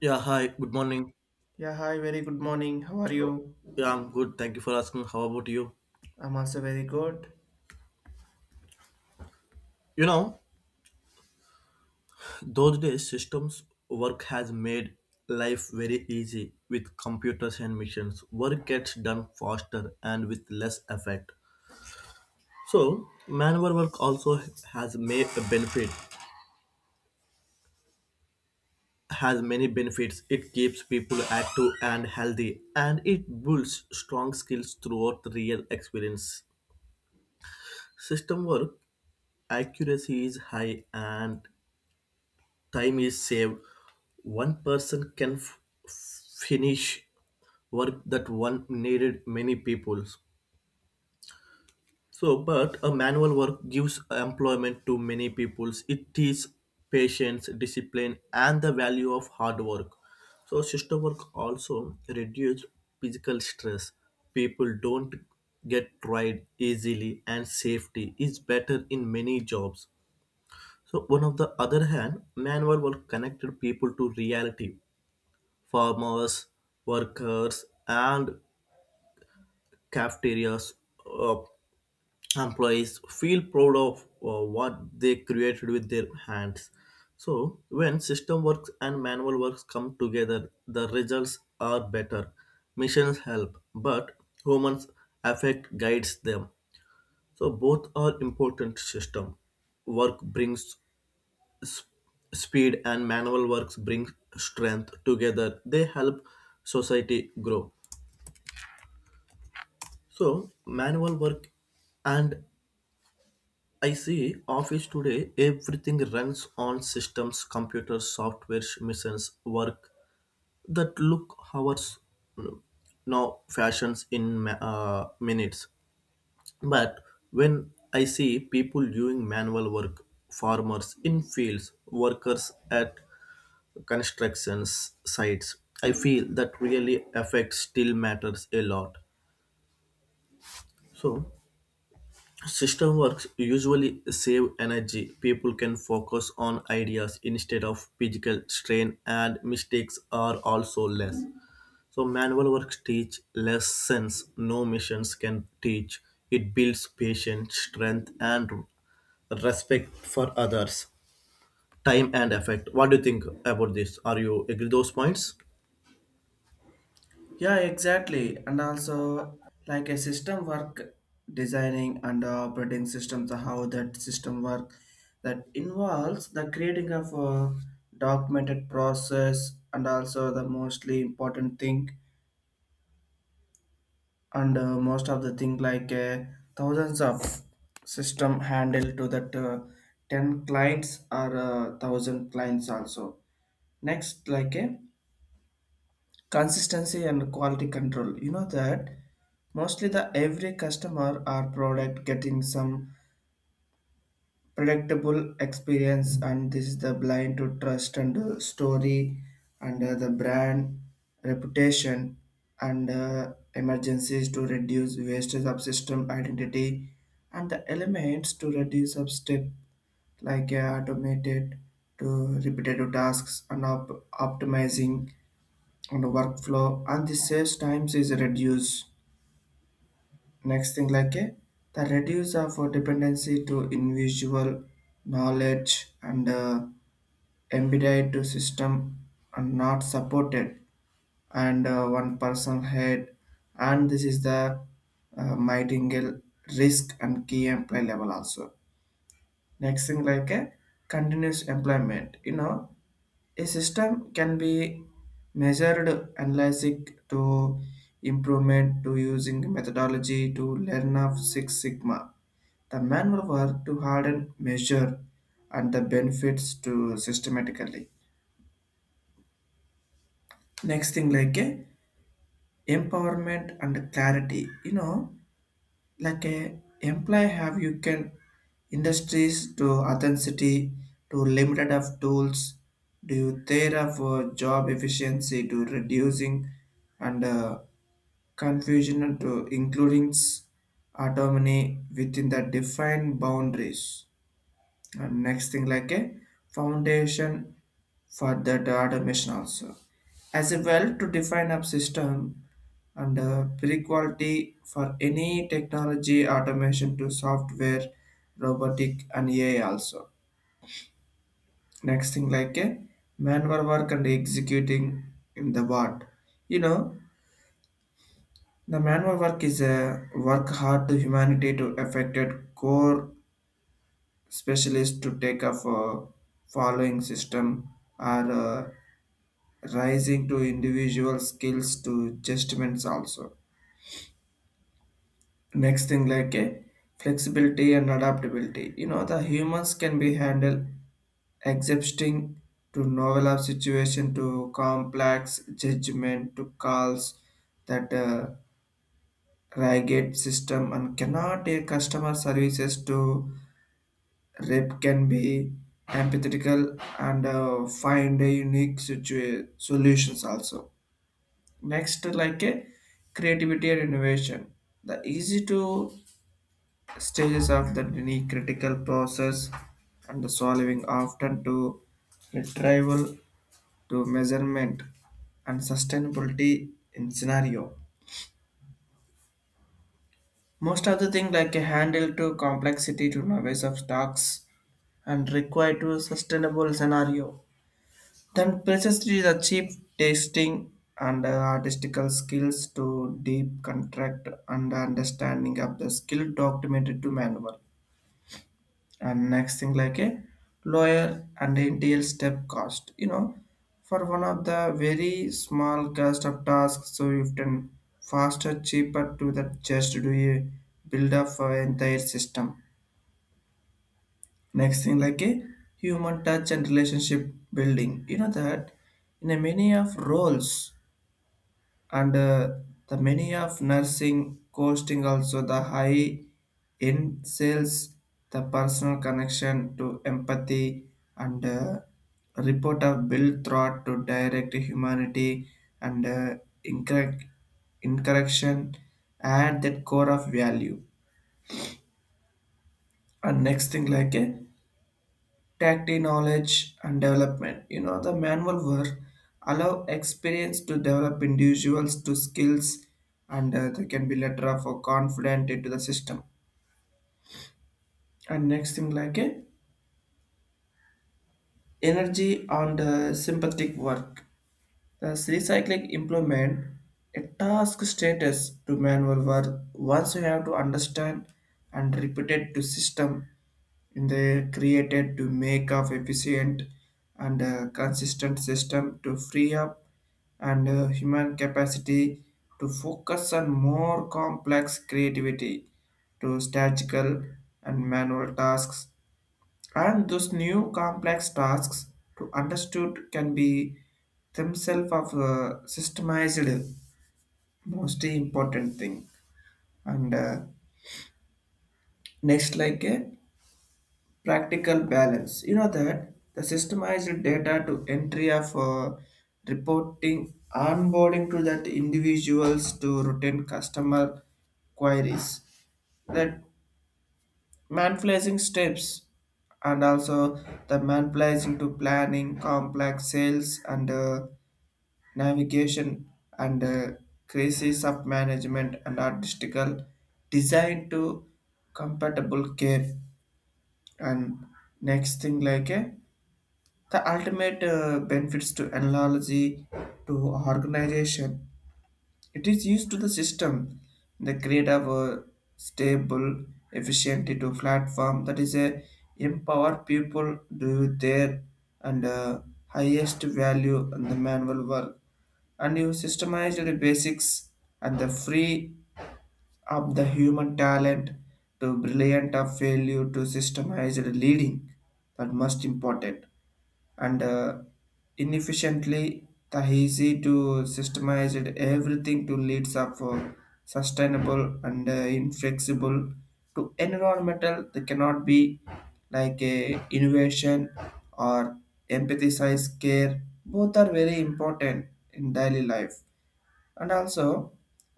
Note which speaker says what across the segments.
Speaker 1: Yeah, hi, good morning.
Speaker 2: Yeah, hi, very good morning. How are
Speaker 1: Oh.
Speaker 2: you?
Speaker 1: Yeah, I'm good. Thank you for asking. How about you?
Speaker 2: I'm also very good.
Speaker 1: You know, those days systems work has made life very easy with computers and machines. Work gets done faster and with less effort. So, manual work also has made a benefit has many benefits. It keeps people active and healthy, and it builds strong skills throughout real experience. System work accuracy is high and time is saved. One person can finish work that one needed many people. So but a manual work gives employment to many peoples. It teaches patience, discipline, and the value of hard work. So system work also reduces physical stress. People don't get tired easily, and safety is better in many jobs. So one of the other hand, manual work connected people to reality. Farmers, workers, and cafeterias uh, employees feel proud of what they created with their hands. So, when system works and manual works come together, the results are better. Machines help, but humans affect guides them. So, both are important system. Work brings s- speed and manual works brings strength together. They help society grow. So manual work and I see office today everything runs on systems, computers, software, missions, work that look hours now fashions in minutes. But when I see people doing manual work, farmers in fields, workers at construction sites, I feel that really affects still matters a lot. So system works usually save energy. People can focus on ideas instead of physical strain, and mistakes are also less. So, manual works teach lessons no missions can teach. It builds patience, strength, and respect for others, time and effect. What do you think about this? Are you agree those points?
Speaker 2: Yeah, exactly. And also, like a system work designing and operating systems, how that system work that involves the creating of a documented process and also the mostly important thing and most of the thing like thousands of system handle to that 10 clients or 1000 clients also, next like a consistency and quality control, you know, that mostly the every customer or product getting some predictable experience, and this is the blind to trust and story and the brand reputation and emergencies to reduce wastage of system identity and the elements to reduce of step like automated to repetitive tasks and optimizing on the workflow and the saves times is reduced. Next thing like a the reduce of a dependency to individual knowledge and embedded to system and not supported and one person head, and this is the mightingale risk and key employee level also. Next thing like a continuous employment, you know, a system can be measured, analyzed to improvement to using methodology to learn of Six Sigma, the manual work to harden, measure, and the benefits to systematically. Next thing like a empowerment and clarity. You know, like a employee have you can industries to authenticity to limited of tools do you there of job efficiency to reducing and confusion to including autonomy within the defined boundaries, and next thing like a foundation for the automation also. As a well to define a system and pre-quality for any technology automation to software, robotic and AI also. Next thing like a manual work and executing in the world. You know, the manual work is a work hard to humanity to affected core specialists to take up a following system are rising to individual skills to judgments also. Next thing like a flexibility and adaptability. You know the humans can be handled accepting to novel of situation to complex judgment to calls that rigid system and cannot take customer services to rep can be empathetical and find a unique solutions also, next like a creativity and innovation, the easy to stages of the unique critical process and the solving often to retrieval to measurement and sustainability in scenario, most of the thing like a handle to complexity to novice of stocks and require to sustainable scenario. Then precisely the cheap tasting and artistical skills to deep contract and understanding of the skill documented to manual. And next thing like a lawyer and NTL step cost. You know, for one of the very small cost of tasks, so you can faster, cheaper to that just do a build up for entire system. Next thing like a human touch and relationship building. You know that in a many of roles and the many of nursing costing also the high in sales, the personal connection to empathy and report of build thought to direct humanity and incorrect incorrection at that core of value, and next thing like a tactile knowledge and development. You know, the manual work allow experience to develop individuals to skills and they can be later off or confident into the system. And next thing like a energy on the sympathetic work. The recycling implement a task status to manual work once you have to understand and repeat it to system in the created to make of efficient and consistent system to free up and human capacity to focus on more complex creativity to statistical and manual tasks, and those new complex tasks to understood can be themselves of systemized, most important thing, and next like practical balance, you know, that the systemized data to entry of reporting onboarding to that individuals to routine customer queries, that manipulating steps, and also the manipulating to planning complex sales and navigation and crisis of management and artistical design to compatible care, and next thing like a the ultimate benefits to analogy to organization. It is used to the system, the create of a stable, efficient to platform that is a empower people do their and highest value in the manual work, and you systemize the basics and the free up the human talent to brilliant of failure to systemize the leading, that most important, and inefficiently the easy to systemize it everything to leads up for sustainable and inflexible to environmental they cannot be like a innovation or empathize care, both are very important in daily life. And also,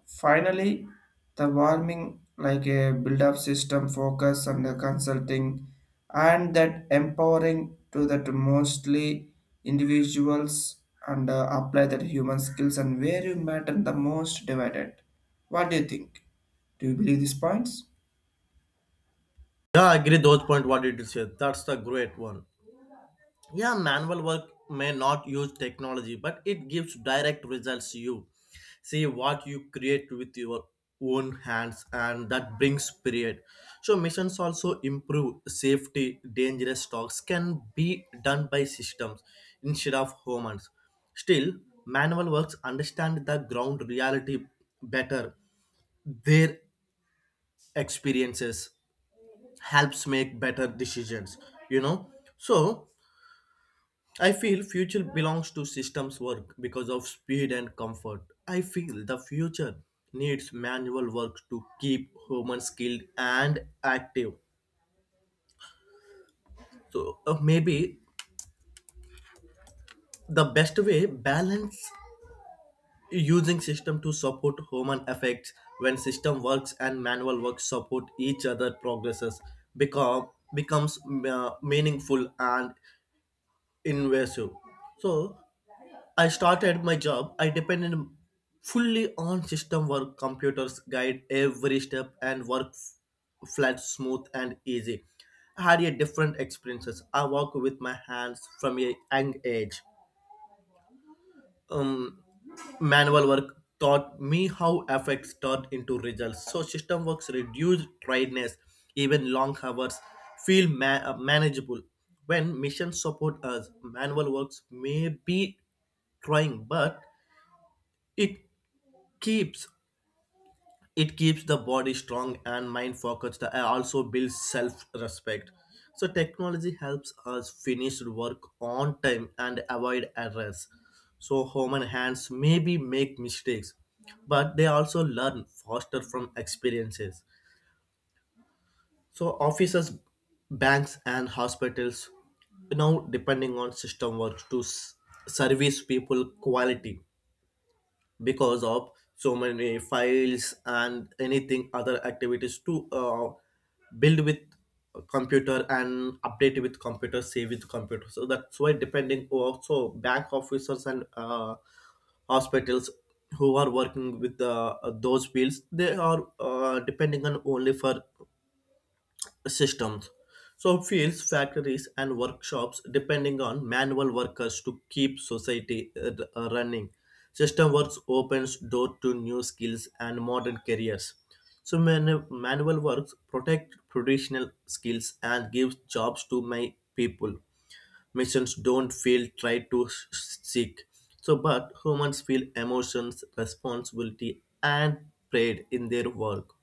Speaker 2: finally, the warming like a build-up system focus on the consulting and that empowering to that mostly individuals and apply that human skills and where you matter the most divided. What do you think? Do you believe these points?
Speaker 1: Yeah, I agree those point. What did you say? That's the great one. Yeah, manual work may not use technology, but it gives direct results to you. See what you create with your own hands, and that brings period. So, missions also improve safety. Dangerous talks can be done by systems instead of humans. Still, manual works understand the ground reality better. Their experiences helps make better decisions, you know. So, I feel future belongs to systems work because of speed and comfort. I feel the future needs manual work to keep humans skilled and active. So, maybe the best way balance using system to support human effects when system works and manual work support each other progresses become becomes meaningful and invasive. So I started my job, I depended fully on system work, computers guide every step and work flat, smooth and easy. I had a different experiences. I work with my hands from a young age. Um, manual work taught me how effects turn into results. So system works reduced tiredness, even long hours feel manageable. When missions support us, manual works may be trying, but it keeps it keeps the body strong and mind focused, and also builds self-respect. So technology helps us finish work on time and avoid errors. So human hands maybe make mistakes, but they also learn faster from experiences. So offices, banks and hospitals now depending on system works to service people quality, because of so many files and anything other activities to build with computer and update with computer save with computer. So that's why depending also bank officers and hospitals who are working with those fields, they are depending on only for systems. So, fields, factories, and workshops depending on manual workers to keep society running. System works opens door to new skills and modern careers. So, manual works protect traditional skills and gives jobs to my people. Missions don't feel try to seek. So, but humans feel emotions, responsibility, and pride in their work,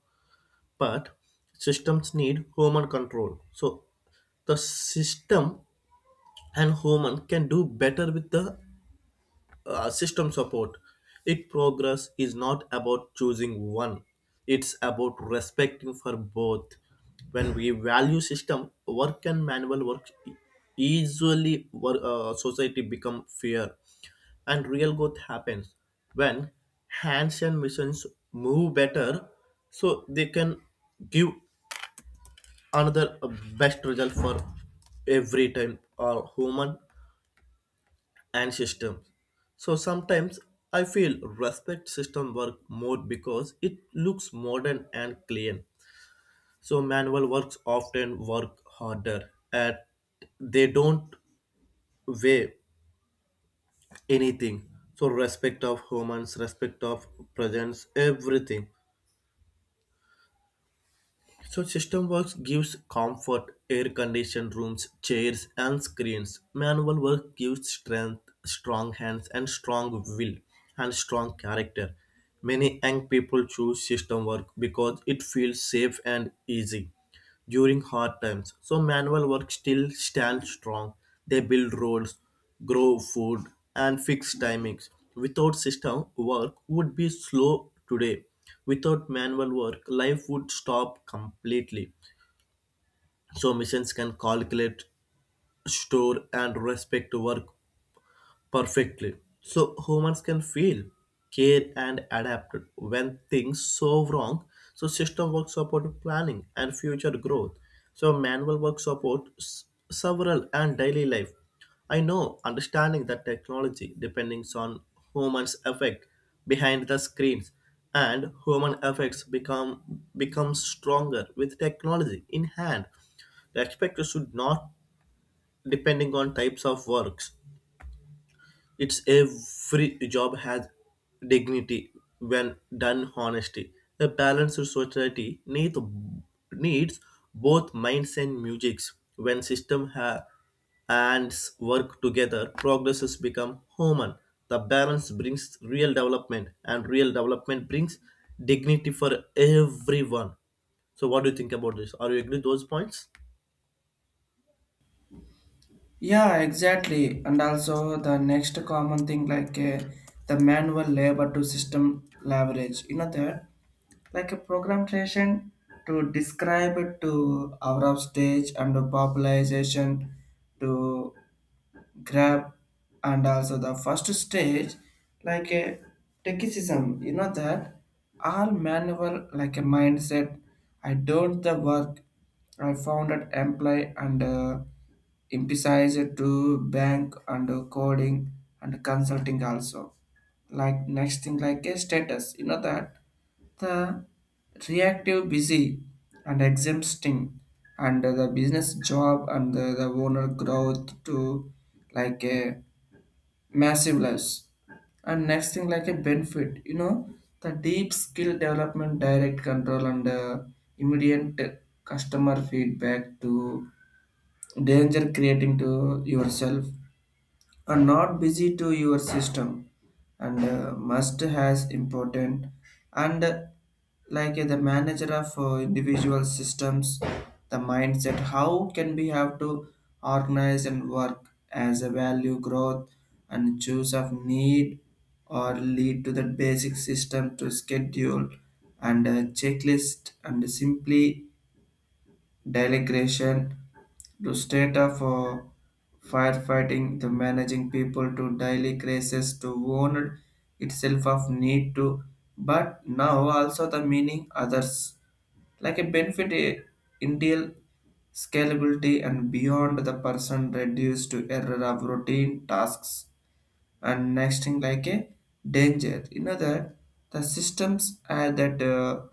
Speaker 1: but systems need human control. So the system and human can do better with the system support. It progress is not about choosing one. It's about respecting for both. When we value system, work and manual work easily society become fair, and real growth happens when hands and machines move better, so they can give another best result for every time are human and systems. So sometimes I feel respect system work more because it looks modern and clean. So manual works often work harder, and they don't weigh anything. So respect of humans, respect of presence, everything. So system works gives comfort, air conditioned rooms, chairs and screens. Manual work gives strength, strong hands and strong will and strong character. Many young people choose system work because it feels safe and easy during hard times. So manual work still stands strong. They build roads, grow food, and fix timings. Without system, work would be slow today. Without manual work, life would stop completely. So machines can calculate, store, and respect work perfectly. So humans can feel, care, and adapt when things so wrong. So system work support planning and future growth. So manual work supports several and daily life. I know understanding that technology depends on humans effect behind the screens, and human effects become stronger with technology in hand. The expector should not depending on types of works. It's every job has dignity when done honestly. A balanced society needs both minds and musics. When system hands work together, progresses become human. The balance brings real development, and real development brings dignity for everyone. So, what do you think about this? Are you agree with those points?
Speaker 2: Yeah, exactly. And also the next common thing like the manual labor to system leverage. You know that like a program creation to describe it to our stage and the popularization to grab, and also the first stage like a technicism, you know, that all manual like a mindset, I don't the work, I found it employ and emphasize it to bank and coding and consulting also, like next thing like a status, you know, that the reactive busy and exempting and the business job and the owner growth to like a massive loss. And next thing like a benefit, you know, the deep skill development, direct control and immediate customer feedback to danger creating to yourself are not busy to your system and must has important and like the manager of individual systems, the mindset how can we have to organize and work as a value growth and choose of need or lead to the basic system to schedule and checklist and simply delegation to state of firefighting the managing people to daily crisis to warn itself of need to, but now also the meaning others like a benefit, ideal scalability and beyond the person reduced to error of routine tasks. And next thing like a danger in other, the systems are that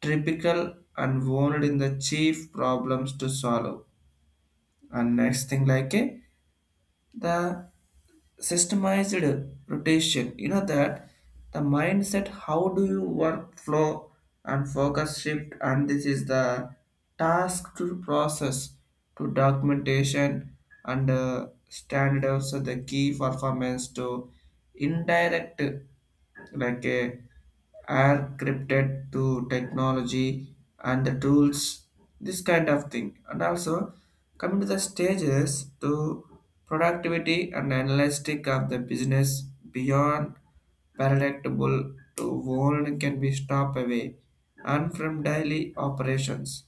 Speaker 2: typical and warned in the chief problems to solve. And next thing like a the systemized rotation, you know, that the mindset how do you work flow and focus shift, and this is the task to process to documentation and standards of the key performance to indirect like are crypted to technology and the tools, this kind of thing, and also coming to the stages to productivity and analytic of the business beyond palatable to world can be stopped away and from daily operations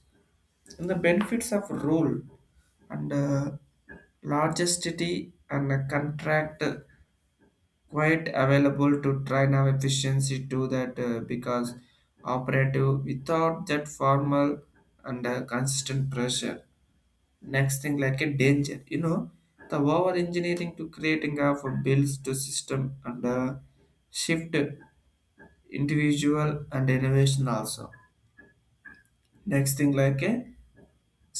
Speaker 2: and the benefits of rule and largest city and a contract quite available to train our efficiency to that because operative without that formal and consistent pressure. Next thing like a danger, you know, the over engineering to creating of bills to system and shift individual and innovation also. Next thing like a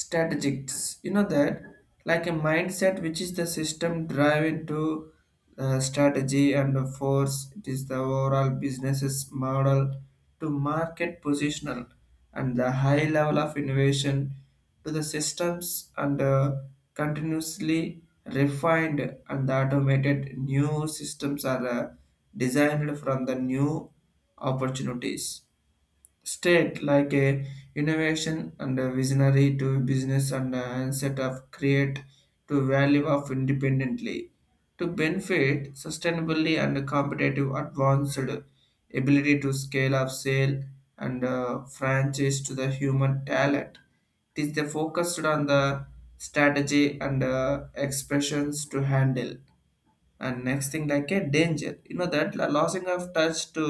Speaker 2: strategics, you know, that like a mindset which is the system drive into strategy and the force it is the overall business's model to market positional and the high level of innovation to the systems and continuously refined and the automated new systems are designed from the new opportunities state like a innovation and a visionary to business and a set of create to value of independently to benefit sustainably and competitive advanced ability to scale up sale and franchise to the human talent, it is the focused on the strategy and expressions to handle. And next thing like a danger, you know, that losing of touch to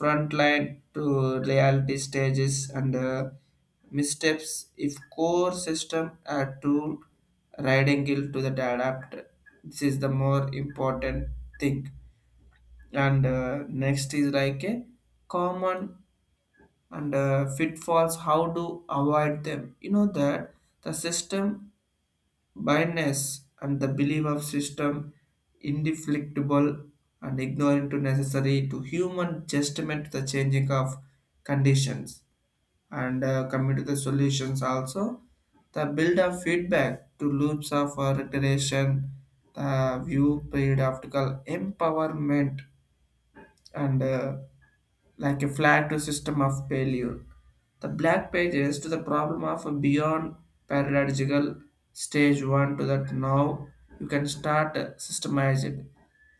Speaker 2: front line to reality stages and missteps if core system are to riding guilt to the adapter, this is the more important thing. And next is like a common and pitfalls how to avoid them, you know, that the system blindness and the belief of system indeflectible and ignorant to necessary to human testament to the changing of conditions and coming to the solutions also the build of feedback to loops of reiteration the view periodical empowerment and like a flag to system of failure. The black pages to the problem of a beyond paradigmical stage one to that now you can start systemize it.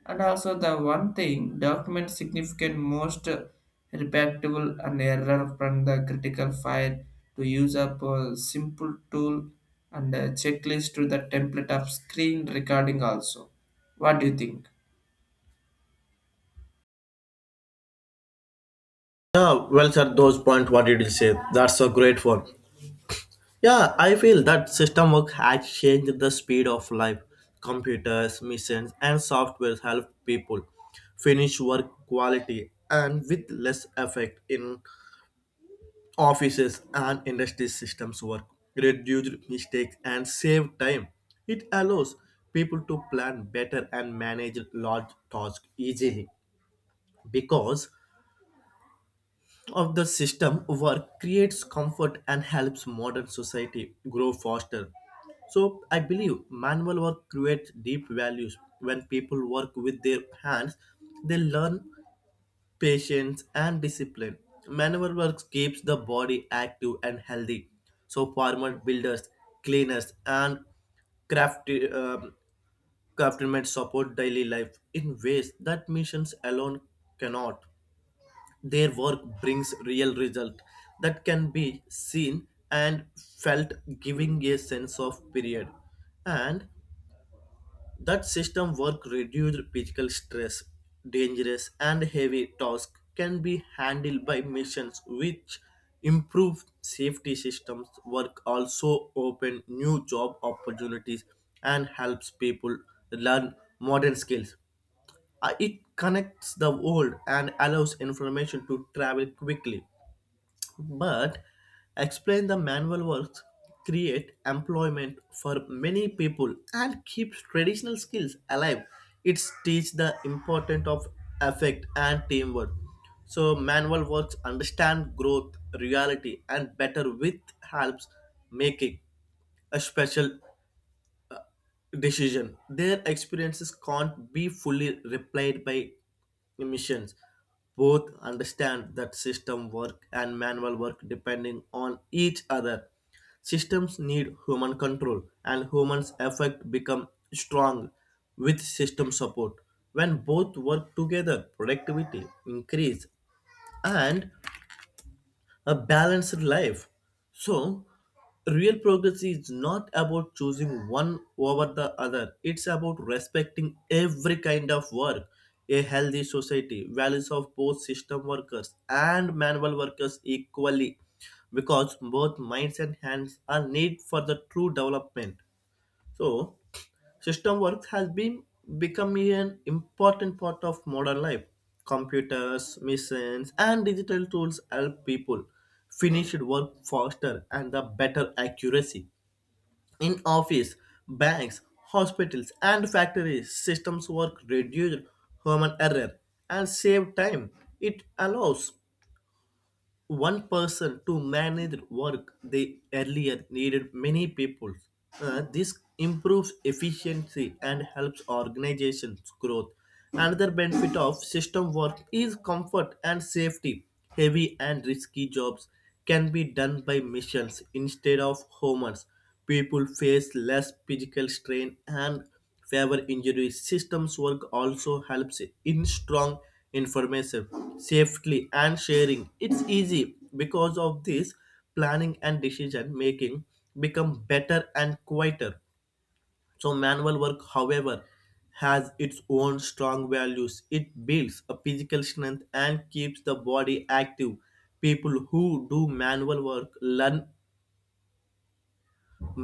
Speaker 2: And also the one thing document significant most repeatable and error from the critical file to use up a simple tool and a checklist to the template of screen recording also. What do you think?
Speaker 1: Yeah, well, sir, those points what did you say? That's a great one. Yeah, I feel that system work has changed the speed of life. Computers, machines, and software help people finish work quality and with less effect in offices and industry systems work, reduce mistakes and save time. It allows people to plan better and manage large tasks easily because of the system work creates comfort and helps modern society grow faster. So I believe manual work creates deep values. When people work with their hands, they learn patience and discipline. Manual work keeps the body active and healthy. So farmers, builders, cleaners, and craft um craftsmen support daily life in ways that missions alone cannot. Their work brings real result that can be seen and felt, giving a sense of period. And that system work reduced physical stress, dangerous and heavy tasks can be handled by machines which improve safety. Systems work also open new job opportunities and helps people learn modern skills. It connects the world and allows information to travel quickly, but explain the manual works create employment for many people and keeps traditional skills alive. It teach the importance of effect and teamwork. So manual works understand growth reality and better with helps making a special decision. Their experiences can't be fully replied by machines. Both understand that system work and manual work depending on each other. Systems need human control, and humans' effect become strong with system support. When both work together, productivity increase and a balanced life. So, real progress is not about choosing one over the other, it's about respecting every kind of work. A healthy society values of both system workers and manual workers equally, because both minds and hands are need for the true development. So, system work has been becoming an important part of modern life. Computers, machines, and digital tools help people finish work faster and the better accuracy. In office, banks, hospitals, and factories, systems work reduce human error and save time. It allows one person to manage work they earlier needed many people. This improves efficiency and helps organizations growth. Another benefit of system work is comfort and safety. Heavy and risky jobs can be done by machines instead of humans. People face less physical strain and fewer injuries. Systems work also helps in strong information, safely and sharing. It's easy because of this planning and decision making become better and quieter. So manual work, however, has its own strong values. It builds a physical strength and keeps the body active. People who do manual work learn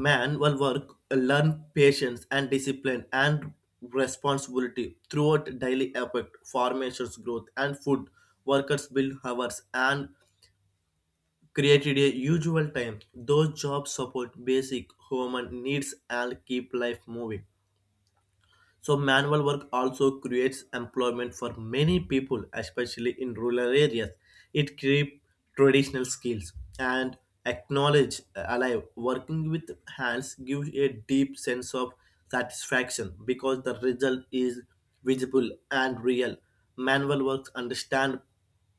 Speaker 1: manual work learn patience and discipline and responsibility throughout daily effort. Formations growth and food workers build hours and created a usual time. Those jobs support basic human needs and keep life moving. So manual work also creates employment for many people, especially in rural areas. It keeps traditional skills and acknowledge alive. Working with hands gives a deep sense of satisfaction because the result is visible and real. Manual works understand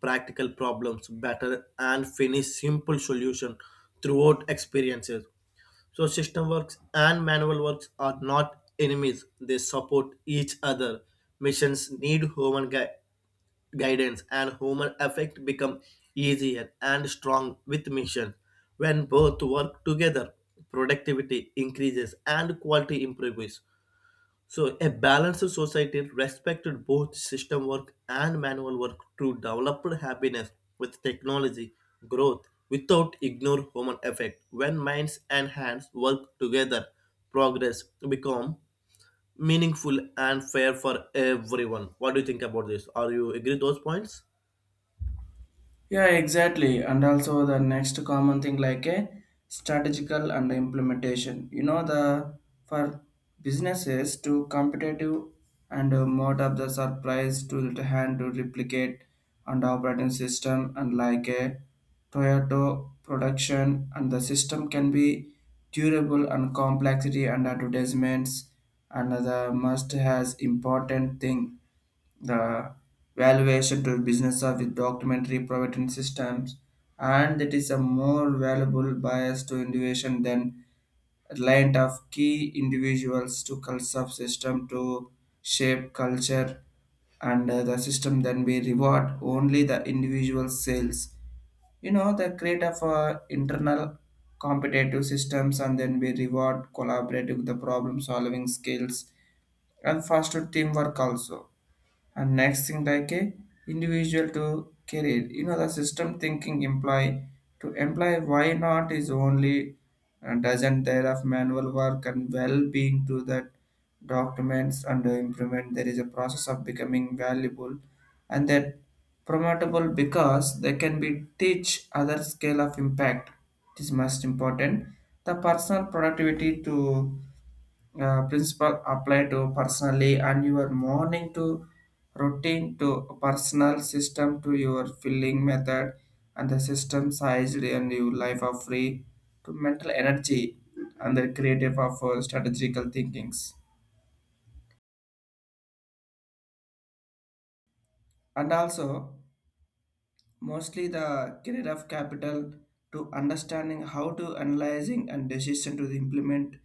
Speaker 1: practical problems better and finish simple solution throughout experiences. So system works and manual works are not enemies. They support each other. Missions need human guidance, and human effect become easier and strong with mission. When both work together, productivity increases and quality improves. So, a balanced society respected both system work and manual work to develop happiness with technology growth without ignore human effect. When minds and hands work together, progress become meaningful and fair for everyone. What do you think about this? Are you agree those points?
Speaker 2: Yeah, exactly. And also the next common thing like a strategical and implementation. You know the for businesses to competitive and mode of the surprise to the hand to replicate and operating system and like a Toyota production, and the system can be durable and complexity and advertisements and the must has important thing, the valuation to business of with documentary provident systems, and that is a more valuable bias to innovation than reliant of key individuals to culture of system to shape culture and the system then we reward only the individual sales, you know, the create of internal competitive systems and then we reward collaborative the problem solving skills and faster teamwork also. And next thing like a individual to career, you know, the system thinking imply to imply why not is only a dozen there of manual work and well-being to that documents under implement there is a process of becoming valuable and that promotable because they can be teach other scale of impact, it is most important, the personal productivity to principle apply to personally and your morning to routine to personal system to your filling method and the system sized and your life of free to mental energy and the creative of strategical thinkings, and also mostly the career of capital to understanding how to analyzing and decision to the implement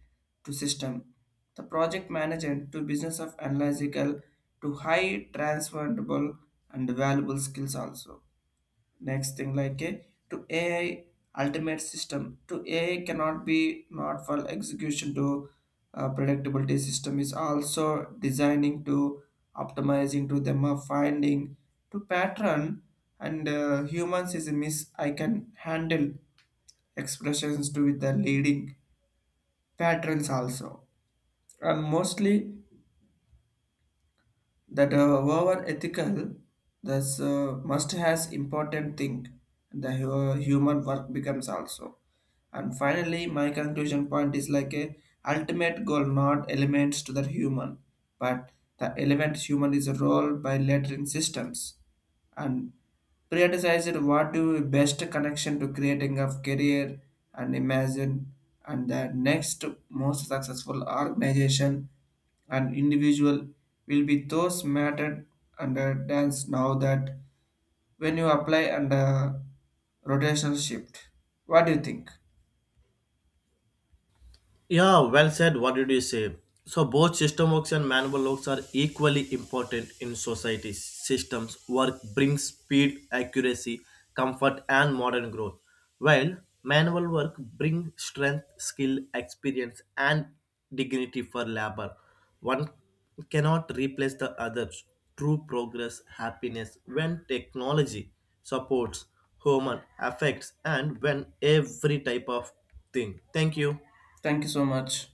Speaker 2: to system, the project manager to business of analytical to high transferable and valuable skills also. Next thing like a to AI, ultimate system to AI cannot be not for execution to predictability system is also designing to optimizing to them finding to pattern and humans is a miss I can handle expressions to with the leading patterns also, and mostly that over ethical, this must has important thing, the human work becomes also. And finally my conclusion point is like a ultimate goal not elements to the human, but the element human is a role by lettering systems and prioritized what do best connection to creating of career and imagine, and the next most successful organization an individual will be those mattered under dance now that when you apply under rotational shift. What do you think?
Speaker 1: Yeah, well said. What did you say? So both system works and manual works are equally important in society. Systems work brings speed, accuracy, comfort, and modern growth, while manual work brings strength, skill, experience, and dignity for labor. One cannot replace the other. True progress, happiness when technology supports human affects, and when every type of thing. Thank you.
Speaker 2: Thank you so much.